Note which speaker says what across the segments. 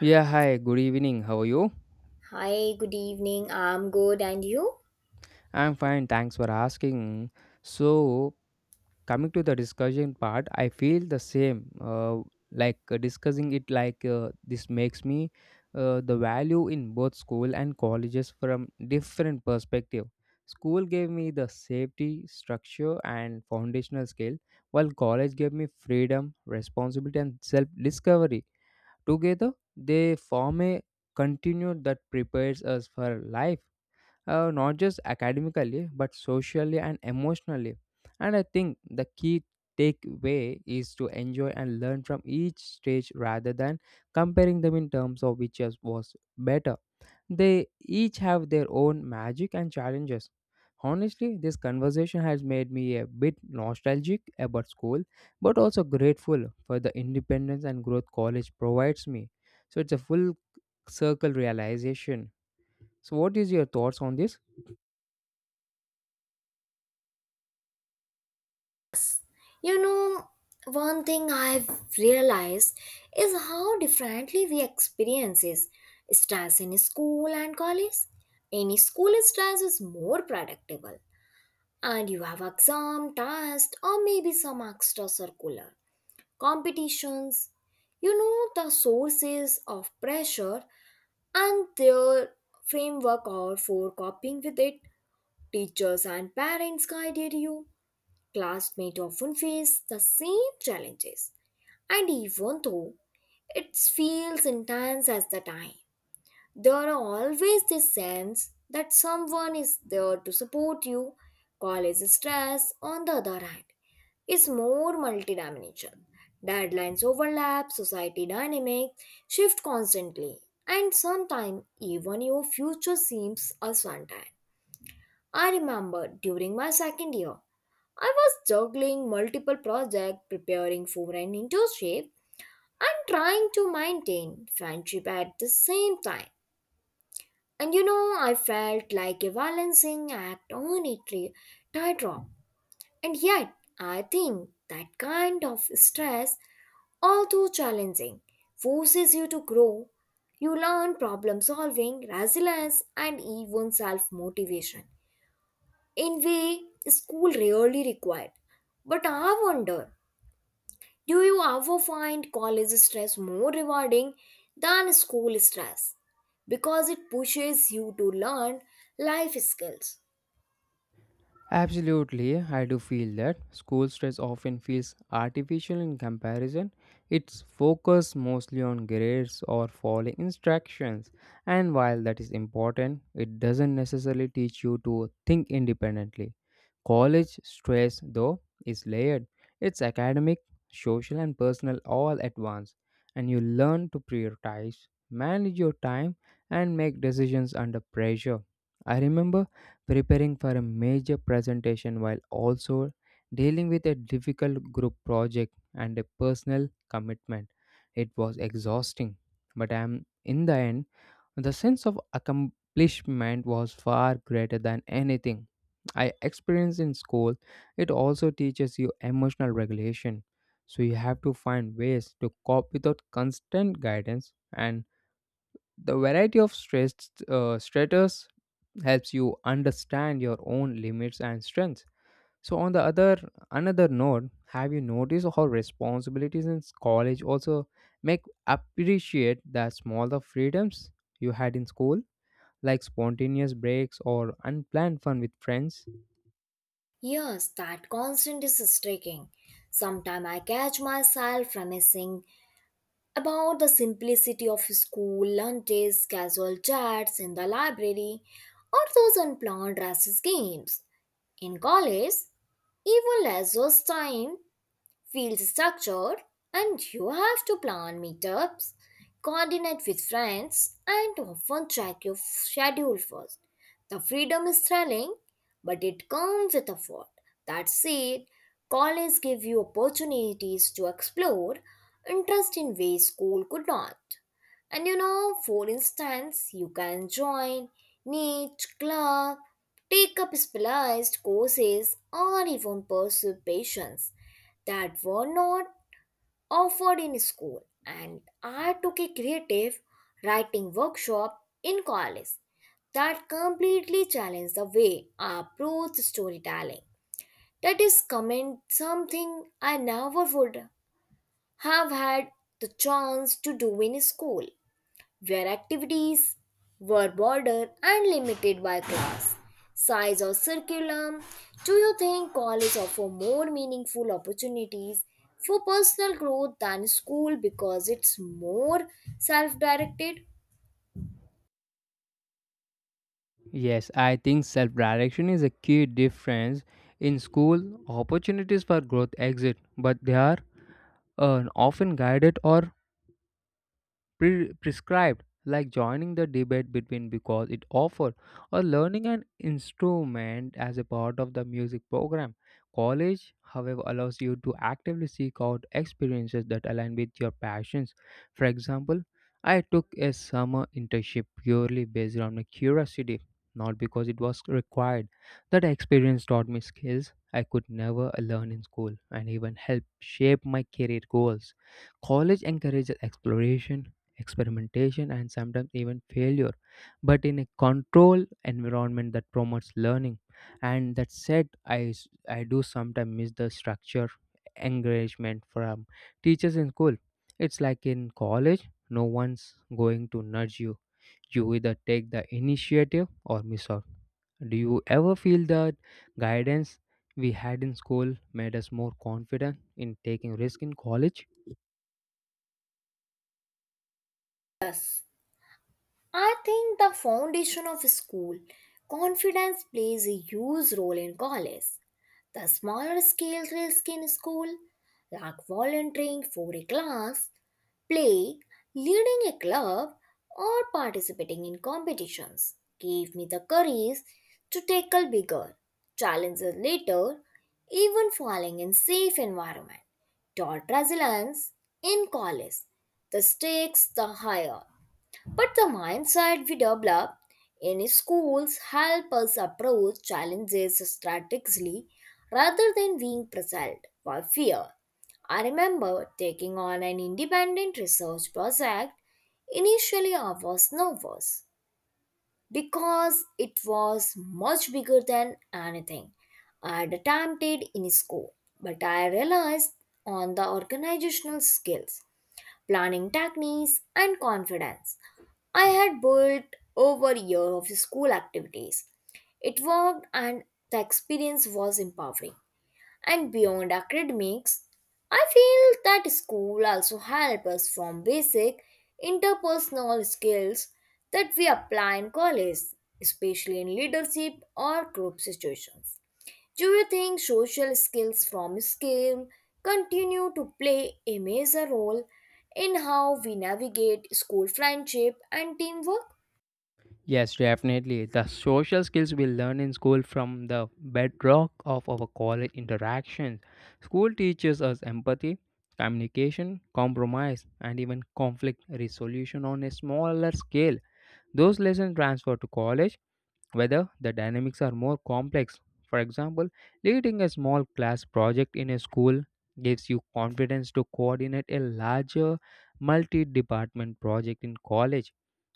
Speaker 1: Yeah, hi, good evening. How are you?
Speaker 2: Hi, good evening. I'm good, and you?
Speaker 1: I'm fine, thanks for asking. So, coming to the discussion part, I feel the same. Discussing it, this makes me the value in both school and colleges from different perspective. School gave me the safety, structure, and foundational skill, while college gave me freedom, responsibility, and self-discovery. Together, they form a continuum that prepares us for life, not just academically but socially and emotionally, and I think the key takeaway is to enjoy and learn from each stage rather than comparing them in terms of was better. They each have their own magic and challenges. Honestly, this conversation has made me a bit nostalgic about school but also grateful for the independence and growth college provides me. So it's a full circle realization. So what is your thoughts on this?
Speaker 2: You know, one thing I've realized is how differently we experiences stress in school and college. Any school stress is more predictable, and you have exam, test, or maybe some extra circular competitions. You know the sources of pressure and their framework or for coping with it. Teachers and parents guided you. Classmates often face the same challenges, and even though it feels intense at the time, there are always this sense that someone is there to support you. College stress, on the other hand, is more multidimensional. Deadlines overlap, society dynamics shift constantly, and sometimes even your future seems uncertain. I remember during my second year, I was juggling multiple projects, preparing for an internship, and trying to maintain friendship at the same time. And you know, I felt like a balancing act on a tightrope. And yet, I think that kind of stress, although challenging, forces you to grow. You learn problem solving, resilience, and even self motivation in way school really required. But I wonder, do you ever find college stress more rewarding than school stress? Because it pushes you to learn life skills.
Speaker 1: Absolutely, I do feel that school stress often feels artificial in comparison. It's focused mostly on grades or following instructions, and while that is important, it doesn't necessarily teach you to think independently. College stress, though, is layered. It's academic, social, and personal all at once, and you learn to prioritize, manage your time, and make decisions under pressure. I remember preparing for a major presentation while also dealing with a difficult group project and a personal commitment. It was exhausting, but I'm in the end, the sense of accomplishment was far greater than anything I experienced in school. It also teaches you emotional regulation, so you have to find ways to cope without constant guidance, and the variety of stress, stratus, helps you understand your own limits and strengths. So on the other another note, have you noticed how responsibilities in college also make appreciate the smaller freedoms you had in school, like spontaneous breaks or unplanned fun with friends?
Speaker 2: Yes, that constant is striking. Sometimes I catch myself reminiscing about the simplicity of school lunches, casual chats in the library, or those unplanned recess games. In college, even less was time feels structured and you have to plan meetups, coordinate with friends, and often track your schedule first. The freedom is thrilling, but it comes with a fault. That said, college gives you opportunities to explore interest in ways school could not. And you know, for instance, you can join niche club, take up specialized courses, or even pursue passions that were not offered in school. And I took a creative writing workshop in college that completely challenged the way I approach storytelling. That is comment something I never would have had the chance to do in school, where activities were bordered and limited by class, size, or curriculum. Do you think college offer more meaningful opportunities for personal growth than school because it's more self directed?
Speaker 1: Yes, I think self-direction is a key difference. In school, opportunities for growth exist, but they are, often guided or prescribed, like joining the debate between because it offered, or learning an instrument as a part of the music program. College, however, allows you to actively seek out experiences that align with your passions. For example, I took a summer internship purely based on my curiosity, not because it was required. That experience taught me skills I could never learn in school and even helped shape my career goals. College encourages exploration, experimentation, and sometimes even failure, but in a controlled environment that promotes learning. And that said, I do sometimes miss the structure encouragement from teachers in school. It's like in college, no one's going to nudge you. You either take the initiative or miss out. Do you ever feel that guidance we had in school made us more confident in taking risk in college?
Speaker 2: I think the foundation of school confidence plays a huge role in college. The smaller scale risk in school, like volunteering for a class, play, leading a club, or participating in competitions, gave me the courage to tackle bigger challenges later, even falling in safe environment. Taught resilience in college, the stakes the higher but the mindset we develop in schools help us approach challenges strategically rather than being pressured by fear. I remember taking on an independent research project. Initially, I was nervous because it was much bigger than anything I had attempted in school, but I realized on the organizational skills planning techniques, and confidence I had built over a year of school activities. It worked and the experience was empowering. And beyond academics, I feel that school also helps us form basic interpersonal skills that we apply in college, especially in leadership or group situations. Do you think social skills from scale continue to play a major role in how we navigate school friendship and teamwork?
Speaker 1: Yes, definitely. The social skills we learn in school from the bedrock of our college interactions. School teaches us empathy, communication, compromise, and even conflict resolution on a smaller scale. Those lessons transfer to college, whether the dynamics are more complex. For example, leading a small class project in a school gives you confidence to coordinate a larger multi department project in college.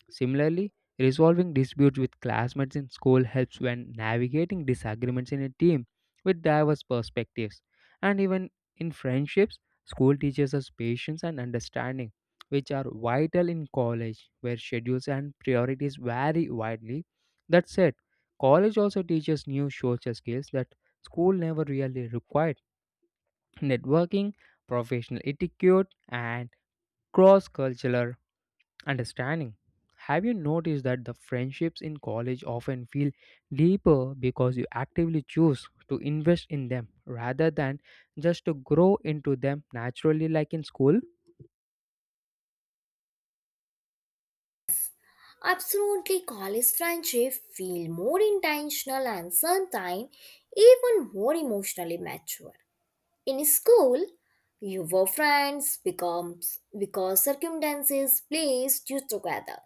Speaker 1: Similarly, resolving disputes with classmates in school helps when navigating disagreements in a team with diverse perspectives. And even in friendships, school teaches us patience and understanding, which are vital in college, where schedules and priorities vary widely. That said, college also teaches new social skills that school never really required: networking, professional etiquette, and cross cultural understanding. Have you noticed that the friendships in college often feel deeper because you actively choose to invest in them rather than just to grow into them naturally like in school?
Speaker 2: Absolutely, college friendship feel more intentional and sometimes even more emotionally mature. In school, your friends becomes because circumstances placed you together.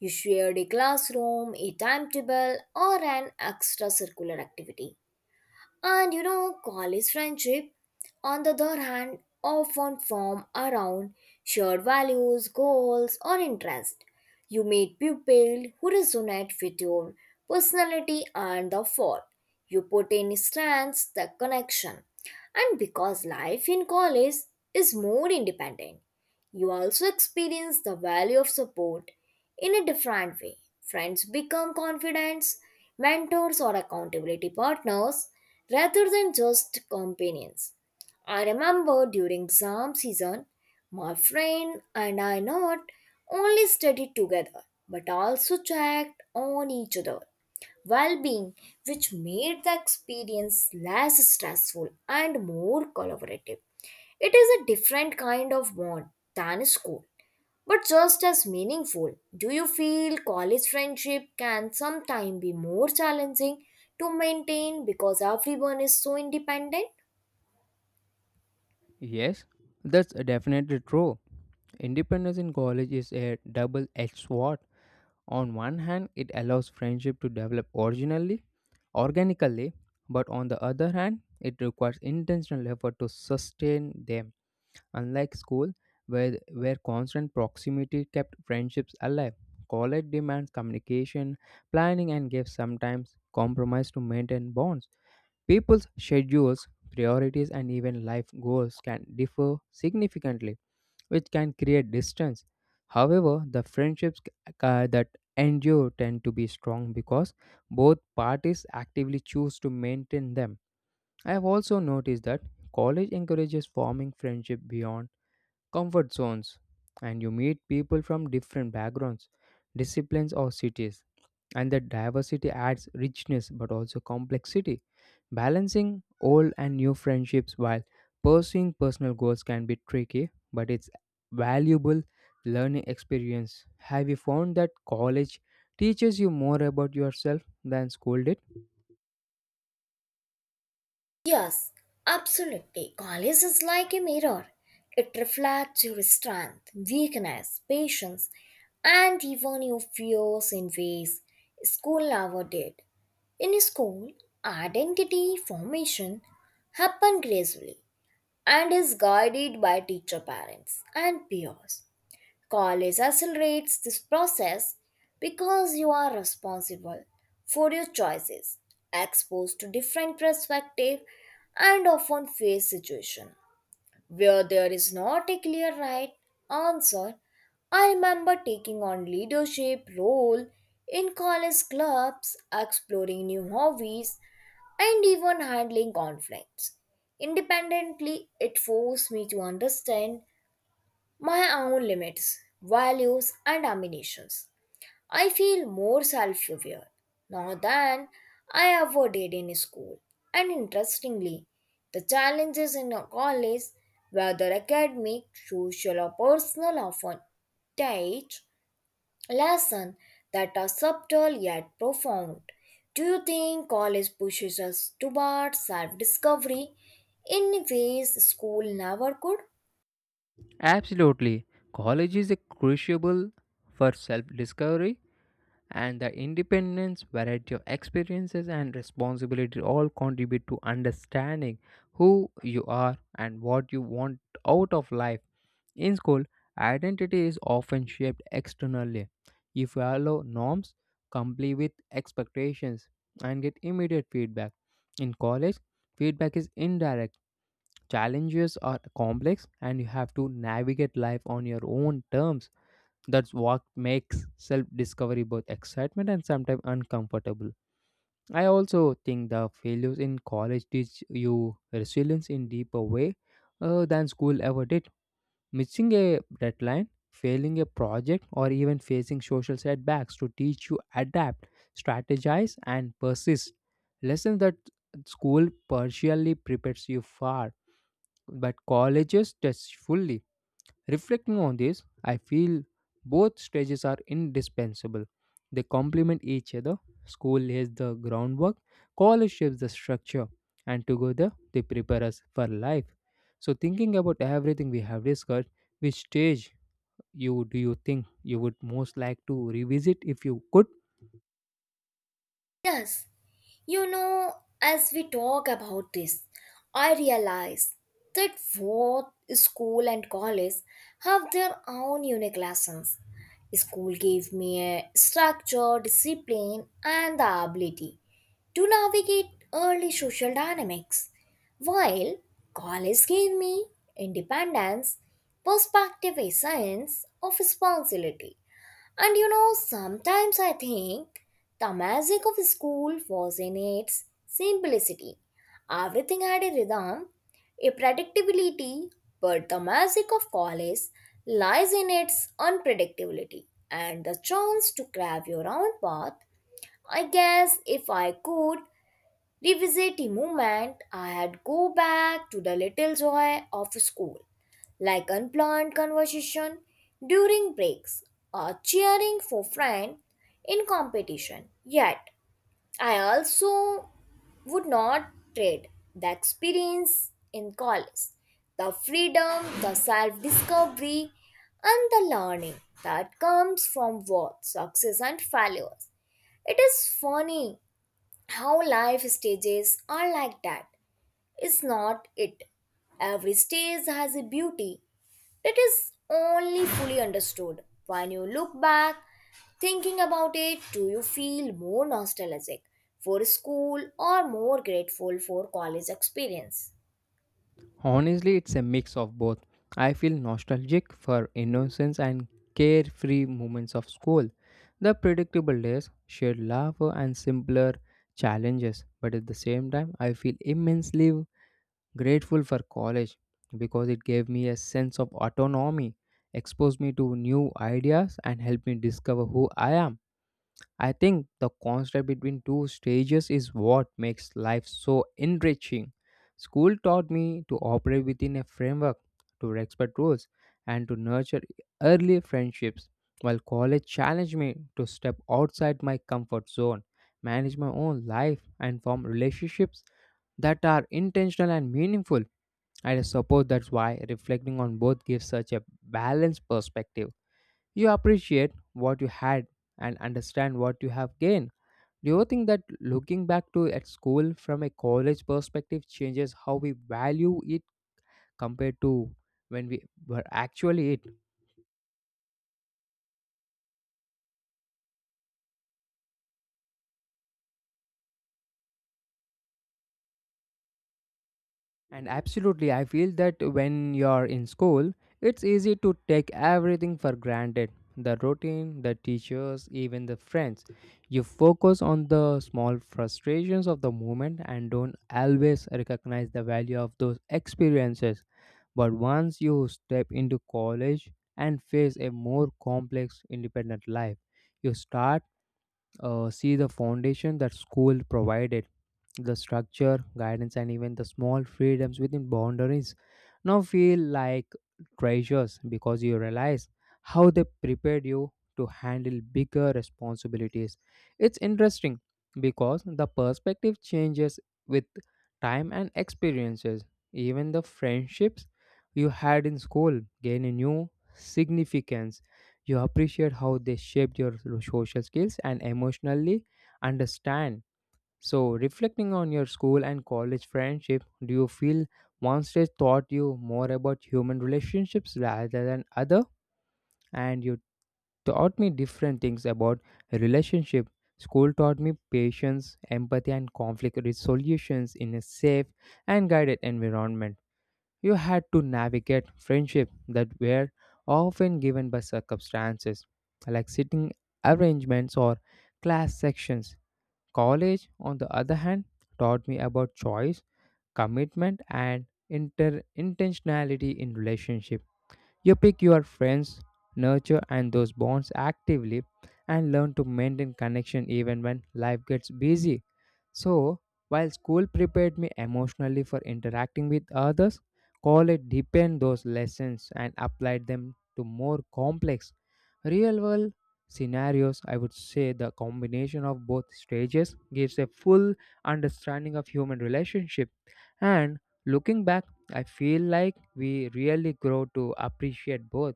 Speaker 2: You shared a classroom, a timetable, or an extracurricular activity. And you know, college friendship, on the other hand, often form around shared values, goals, or interests. You meet people who resonate with your personality and the fall. You put in strengths, the connection. And because life in college is more independent, you also experience the value of support in a different way. Friends become confidants, mentors, or accountability partners rather than just companions. I remember during exam season, my friend and I not only studied together but also checked on each other well being, which made the experience less stressful and more collaborative. It is a different kind of bond than school but just as meaningful. Do you feel college friendship can sometimes be more challenging to maintain because everyone is so independent?
Speaker 1: Yes, that's definitely true. Independence in college is a double edged sword. On one hand, it allows friendship to develop originally, organically, but on the other hand, it requires intentional effort to sustain them. Unlike school, where constant proximity kept friendships alive, college demands communication, planning, and gave sometimes compromise to maintain bonds. People's schedules, priorities, and even life goals can differ significantly, which can create distance. However, the friendships, that endure tend to be strong because both parties actively choose to maintain them. I have also noticed that college encourages forming friendship beyond comfort zones, and you meet people from different backgrounds, disciplines, or cities. And that diversity adds richness but also complexity. Balancing old and new friendships while pursuing personal goals can be tricky, but it's valuable learning experience. Have you found that college teaches you more about yourself than school did?
Speaker 2: Yes, absolutely. College is like a mirror. It reflects your strength, weakness, patience, and even your fears in ways school never did. In school, identity formation happen gracefully and is guided by teacher parents and peers. College accelerates this process because you are responsible for your choices, exposed to different perspectives, and often face situations where there is not a clear right answer. I remember taking on leadership role in college clubs, exploring new hobbies, and even handling conflicts. Independently, it forced me to understand my own limits, values, and ambitions. I feel more self aware now than I ever did in school. And interestingly, the challenges in a college, whether academic, social, or personal, often teach lessons that are subtle yet profound. Do you think college pushes us towards self discovery in ways school never could?
Speaker 1: Absolutely. College is a crucible for self discovery, and the independence, variety of experiences, and responsibility all contribute to understanding who you are and what you want out of life. In school, identity is often shaped externally. You follow norms, comply with expectations, and get immediate feedback. In college, feedback is indirect. Challenges are complex, and you have to navigate life on your own terms. That's what makes self discovery both excitement and sometimes uncomfortable. I also think the failures in college teach you resilience in deeper way, than school ever did. Missing a deadline, failing a project, or even facing social setbacks to teach you adapt, strategize, and persist. Lessons that school partially prepares you for, but colleges test fully. Reflecting on this, I feel both stages are indispensable. They complement each other. School lays the groundwork, college shapes the structure, and together they prepare us for life. So, thinking about everything we have discussed, which stage you do you think you would most like to revisit if you could?
Speaker 2: Yes. You know, as we talk about this, I realize that both school and college have their own unique lessons. School gave me a structure, discipline, and the ability to navigate early social dynamics, while college gave me independence, perspective, a sense of responsibility. And you know, sometimes I think the magic of school was in its simplicity. Everything had a rhythm, a predictability, but the magic of college lies in its unpredictability and the chance to carve your own path. I guess if I could revisit a moment I had go back to the little joy of school, like unplanned conversation during breaks or cheering for friend in competition. Yet I also would not trade the experience in college, the freedom, the self-discovery, and the learning that comes from both success and failures. It is funny how life stages are like that, is not it? Every stage has a beauty that is only fully understood when you look back. Thinking about it, do you feel more nostalgic for school or more grateful for college experience?
Speaker 1: Honestly, it's a mix of both. I feel nostalgic for innocence and carefree moments of school. The predictable days, shared laughter, and simpler challenges. But at the same time, I feel immensely grateful for college because it gave me a sense of autonomy, exposed me to new ideas, and helped me discover who I am. I think the contrast between two stages is what makes life so enriching. School taught me to operate within a framework, to respect rules, and to nurture early friendships, while college challenged me to step outside my comfort zone, manage my own life, and form relationships that are intentional and meaningful. I suppose that's why reflecting on both gives such a balanced perspective. You appreciate what you had and understand what you have gained. Do you think that looking back to at school from a college perspective changes how we value it compared to when we were actually it? And absolutely, I feel that when you're in school, it's easy to take everything for granted: the routine, the teachers, even the friends. You focus on the small frustrations of the moment and don't always recognize the value of those experiences. But once you step into college and face a more complex independent life, you start, see the foundation that school provided. The structure, guidance, and even the small freedoms within boundaries now feel like treasures because you realize how they prepared you to handle bigger responsibilities. It's interesting because the perspective changes with time and experiences. Even the friendships you had in school gain a new significance. You appreciate how they shaped your social skills and emotionally understand. So, reflecting on your school and college friendship, do you feel one stage taught you more about human relationships rather than other? And you taught me different things about relationship. School taught me patience, empathy, and conflict resolutions in a safe and guided environment. You had to navigate friendship that were often given by circumstances, like sitting arrangements or class sections. College, on the other hand, taught me about choice, commitment, and intentionality in relationship. You pick your friends, nurture and those bonds actively, and learn to maintain connection even when life gets busy. So, while school prepared me emotionally for interacting with others, college deepened those lessons and applied them to more complex real world scenarios. I would say the combination of both stages gives a full understanding of human relationship. And looking back, I feel like we really grow to appreciate both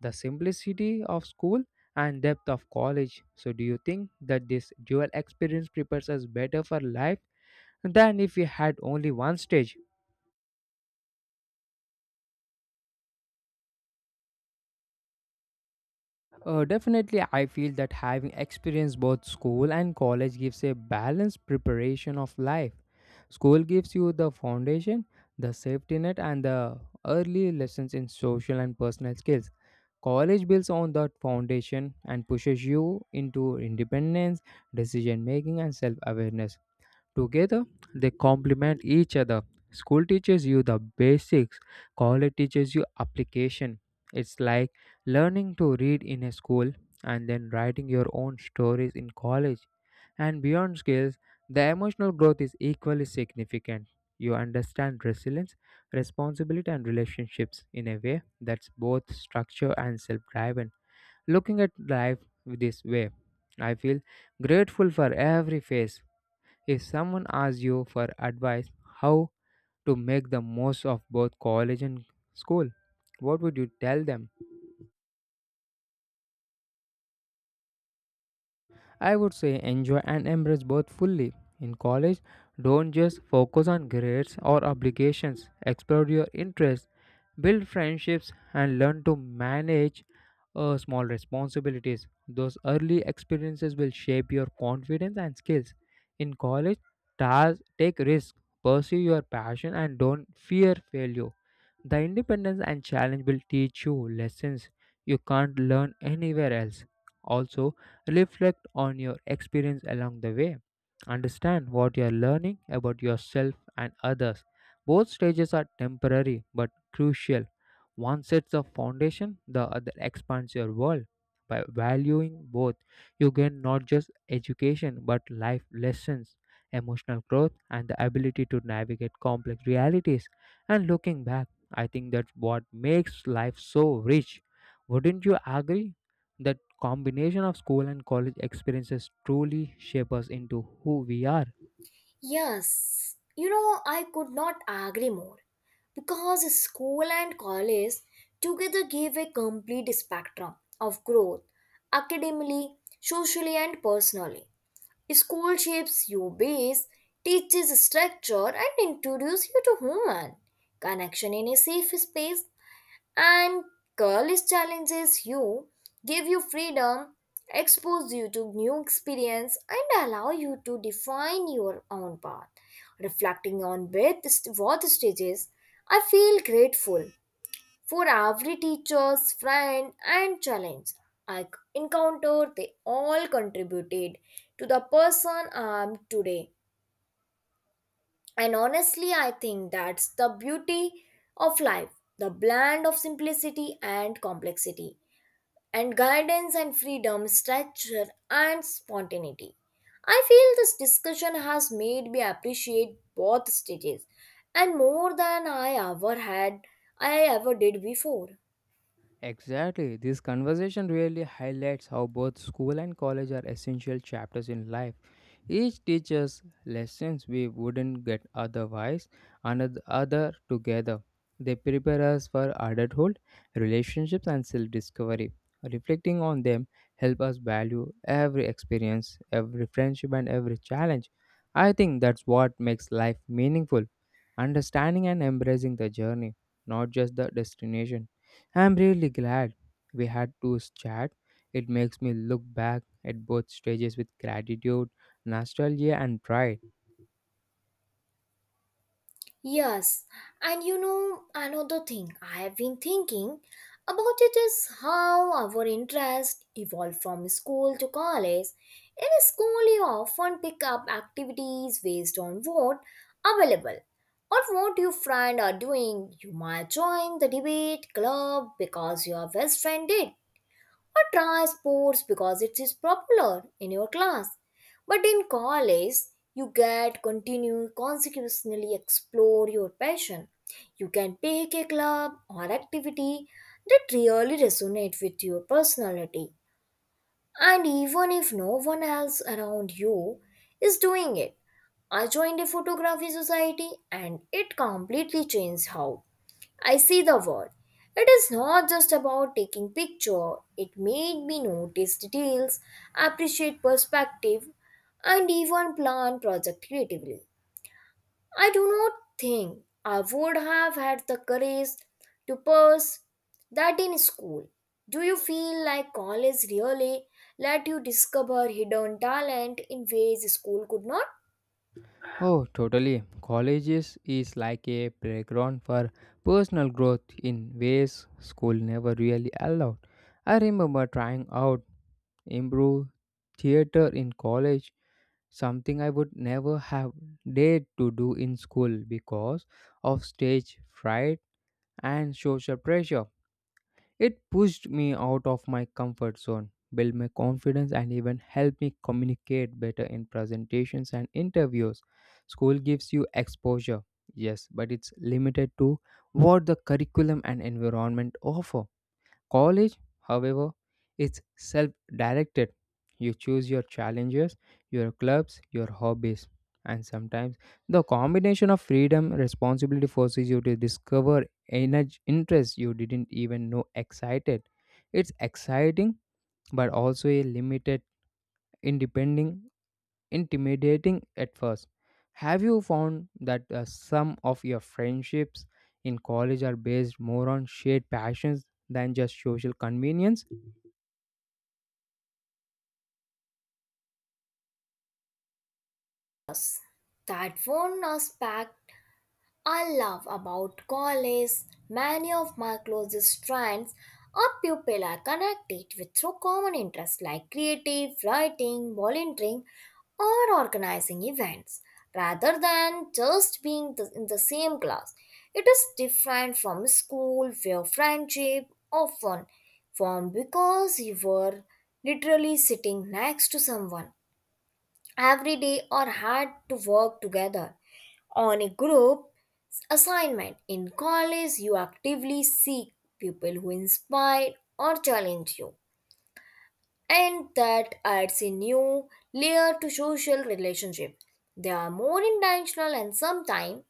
Speaker 1: the simplicity of school and depth of college. So, do you think that this dual experience prepares us better for life than if we had only one stage? Definitely, I feel that having experienced both school and college gives a balanced preparation of life. School gives you the foundation, the safety net, and the early lessons in social and personal skills. College builds on that foundation and pushes you into independence, decision making, and self awareness. Together, they complement each other. School teaches you the basics, college teaches you application. It's like learning to read in a school and then writing your own stories in college. And beyond skills, the emotional growth is equally significant. You understand resilience, responsibility, and relationships in a way that's both structured and self driven. Looking at life this way, I feel grateful for every phase. If someone asks you for advice how to make the most of both college and school, what would you tell them? I would say enjoy and embrace both fully. In college, don't just focus on grades or obligations, explore your interests, build friendships, and learn to manage small responsibilities. Those early experiences will shape your confidence and skills. In college, take risks, pursue your passion, and don't fear failure. The independence and challenge will teach you lessons you can't learn anywhere else. Also, reflect on your experience along the way. Understand what you are learning about yourself and others. Both stages are temporary but crucial. One sets the foundation, the other expands your world. By valuing both, you gain not just education but life lessons, emotional growth, and the ability to navigate complex realities. And looking back, I think that's what makes life so rich. Wouldn't you agree? That combination of school and college experiences truly shape us into who we are.
Speaker 2: Yes, you know, I could not agree more because school and college together give a complete spectrum of growth academically, socially, and personally. School shapes your base, teaches structure, and introduces you to human connection in a safe space, and college challenges you, give you freedom, expose you to new experience, and allow you to define your own path. Reflecting on both stages, I feel grateful for every teacher's friend and challenge I c- encountered. They all contributed to the person I am today. And honestly, I think that's the beauty of life, the blend of simplicity and complexity and guidance and freedom, structure and spontaneity. I feel this discussion has made me appreciate both stages and more than I ever did before.
Speaker 1: Exactly. This conversation really highlights how both school and college are essential chapters in life. Each teaches lessons we wouldn't get otherwise, and the other together. They prepare us for adulthood, relationships, and self discovery. Reflecting on them help us value every experience, every friendship, and every challenge. I think that's what makes life meaningful, understanding and embracing the journey, not just the destination. I'm really glad we had to chat. It makes me look back at both stages with gratitude, nostalgia, and pride.
Speaker 2: Yes, and you know, another thing I have been thinking about it is how our interest evolved from school to college. In school, you often pick up activities based on what available or what your friend are doing. You might join the debate club because your best friend did, or try sports because it is popular in your class. But in college, you get continue consecutively explore your passion. You can pick a club or activity that really resonate with your personality. And even if no one else around you is doing it, I joined a photography society and it completely changed how I see the word. It is not just about taking picture. It made me notice details, appreciate perspective, and even plan project creatively. I do not think I would have had the courage to purse that in school. Do you feel like college really let you discover hidden talent in ways school could not?
Speaker 1: Oh, totally. Colleges is like a playground for personal growth in ways school never really allowed. I remember trying out improv theater in college, something I would never have dared to do in school because of stage fright and social pressure. It pushed me out of my comfort zone, built my confidence, and even helped me communicate better in presentations and interviews. School gives you exposure, yes, but it's limited to what the curriculum and environment offer. College, however, is self directed. You choose your challenges, your clubs, your hobbies, and sometimes the combination of freedom responsibility forces you to discover energy interests you didn't even know excited. It's exciting but also a limited, independent, intimidating at first. Have you found that some of your friendships in college are based more on shared passions than just social convenience?
Speaker 2: That one aspect I love about college. Many of my closest friends or people are connected with through common interests like creative, writing, volunteering, or organizing events. Rather than just being in the same class, it is different from school where friendship often formed because you were literally sitting next to someone every day or had to work together on a group assignment. In college, you actively seek people who inspire or challenge you and that adds a new layer to social relationship. They are more intentional and sometimes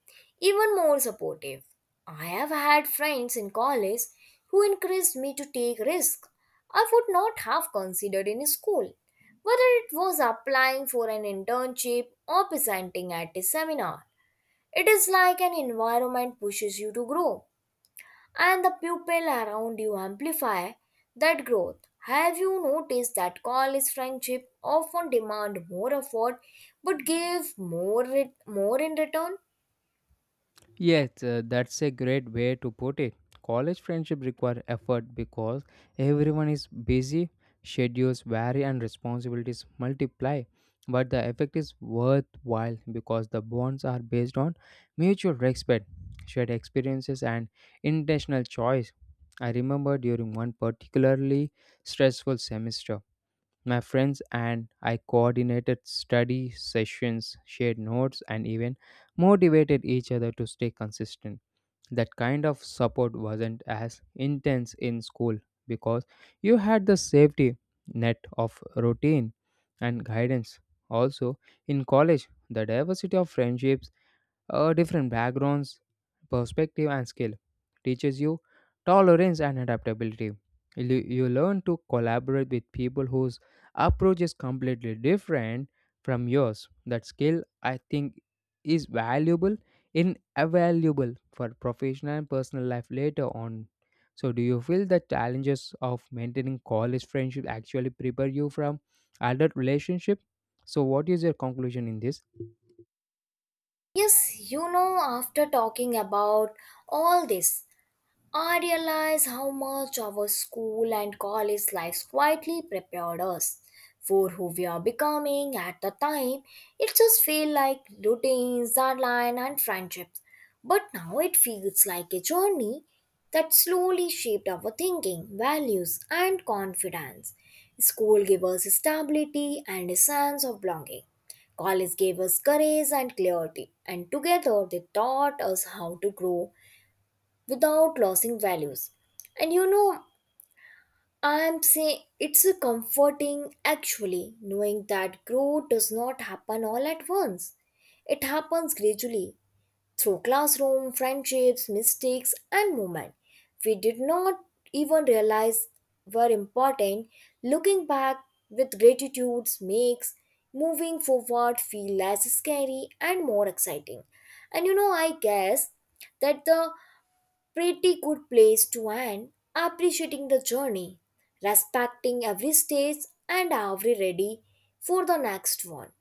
Speaker 2: even more supportive. I have had friends in college who encouraged me to take risks I would not have considered in school, whether it was applying for an internship or presenting at a seminar. It is like an environment pushes you to grow and the people around you amplify that growth. Have you noticed that college friendship often demand more effort but give more in return?
Speaker 1: Yes, that's a great way to put it. College friendship require effort because everyone is busy, schedules vary, and responsibilities multiply. But the effect is worthwhile because the bonds are based on mutual respect, shared experiences, and intentional choice. I remember during one particularly stressful semester my friends and I coordinated study sessions, shared notes, and even motivated each other to stay consistent. That kind of support wasn't as intense in school because you had the safety net of routine and guidance. Also, in college, the diversity of friendships, different backgrounds, perspective, and skill. Teaches you tolerance and adaptability. You learn to collaborate with people whose approach is completely different from yours. That skill, I think, is valuable, invaluable for professional and personal life later on. So, do you feel the challenges of maintaining college friendship actually prepare you from adult relationship? So, what is your conclusion in this?
Speaker 2: Yes, you know, after talking about all this I realize how much our school and college lives quietly prepared us for who we are becoming at the time. It just feels like routines, deadline, and friendships. But now it feels like a journey that slowly shaped our thinking, values, and confidence. School gave us stability and a sense of belonging. College gave us courage and clarity, and together they taught us how to grow without losing values. And you know, I am saying it's a comforting actually knowing that growth does not happen all at once. It happens gradually through classroom, friendships, mistakes, and movement. We did not even realize were important. Looking back with gratitude makes moving forward feel less scary and more exciting. And you know, I guess that the pretty good place to end appreciating the journey, respecting every stage and every ready for the next one.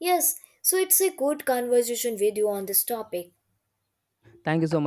Speaker 2: Yes, so it's a good conversation with you on this topic.
Speaker 1: Thank you so much.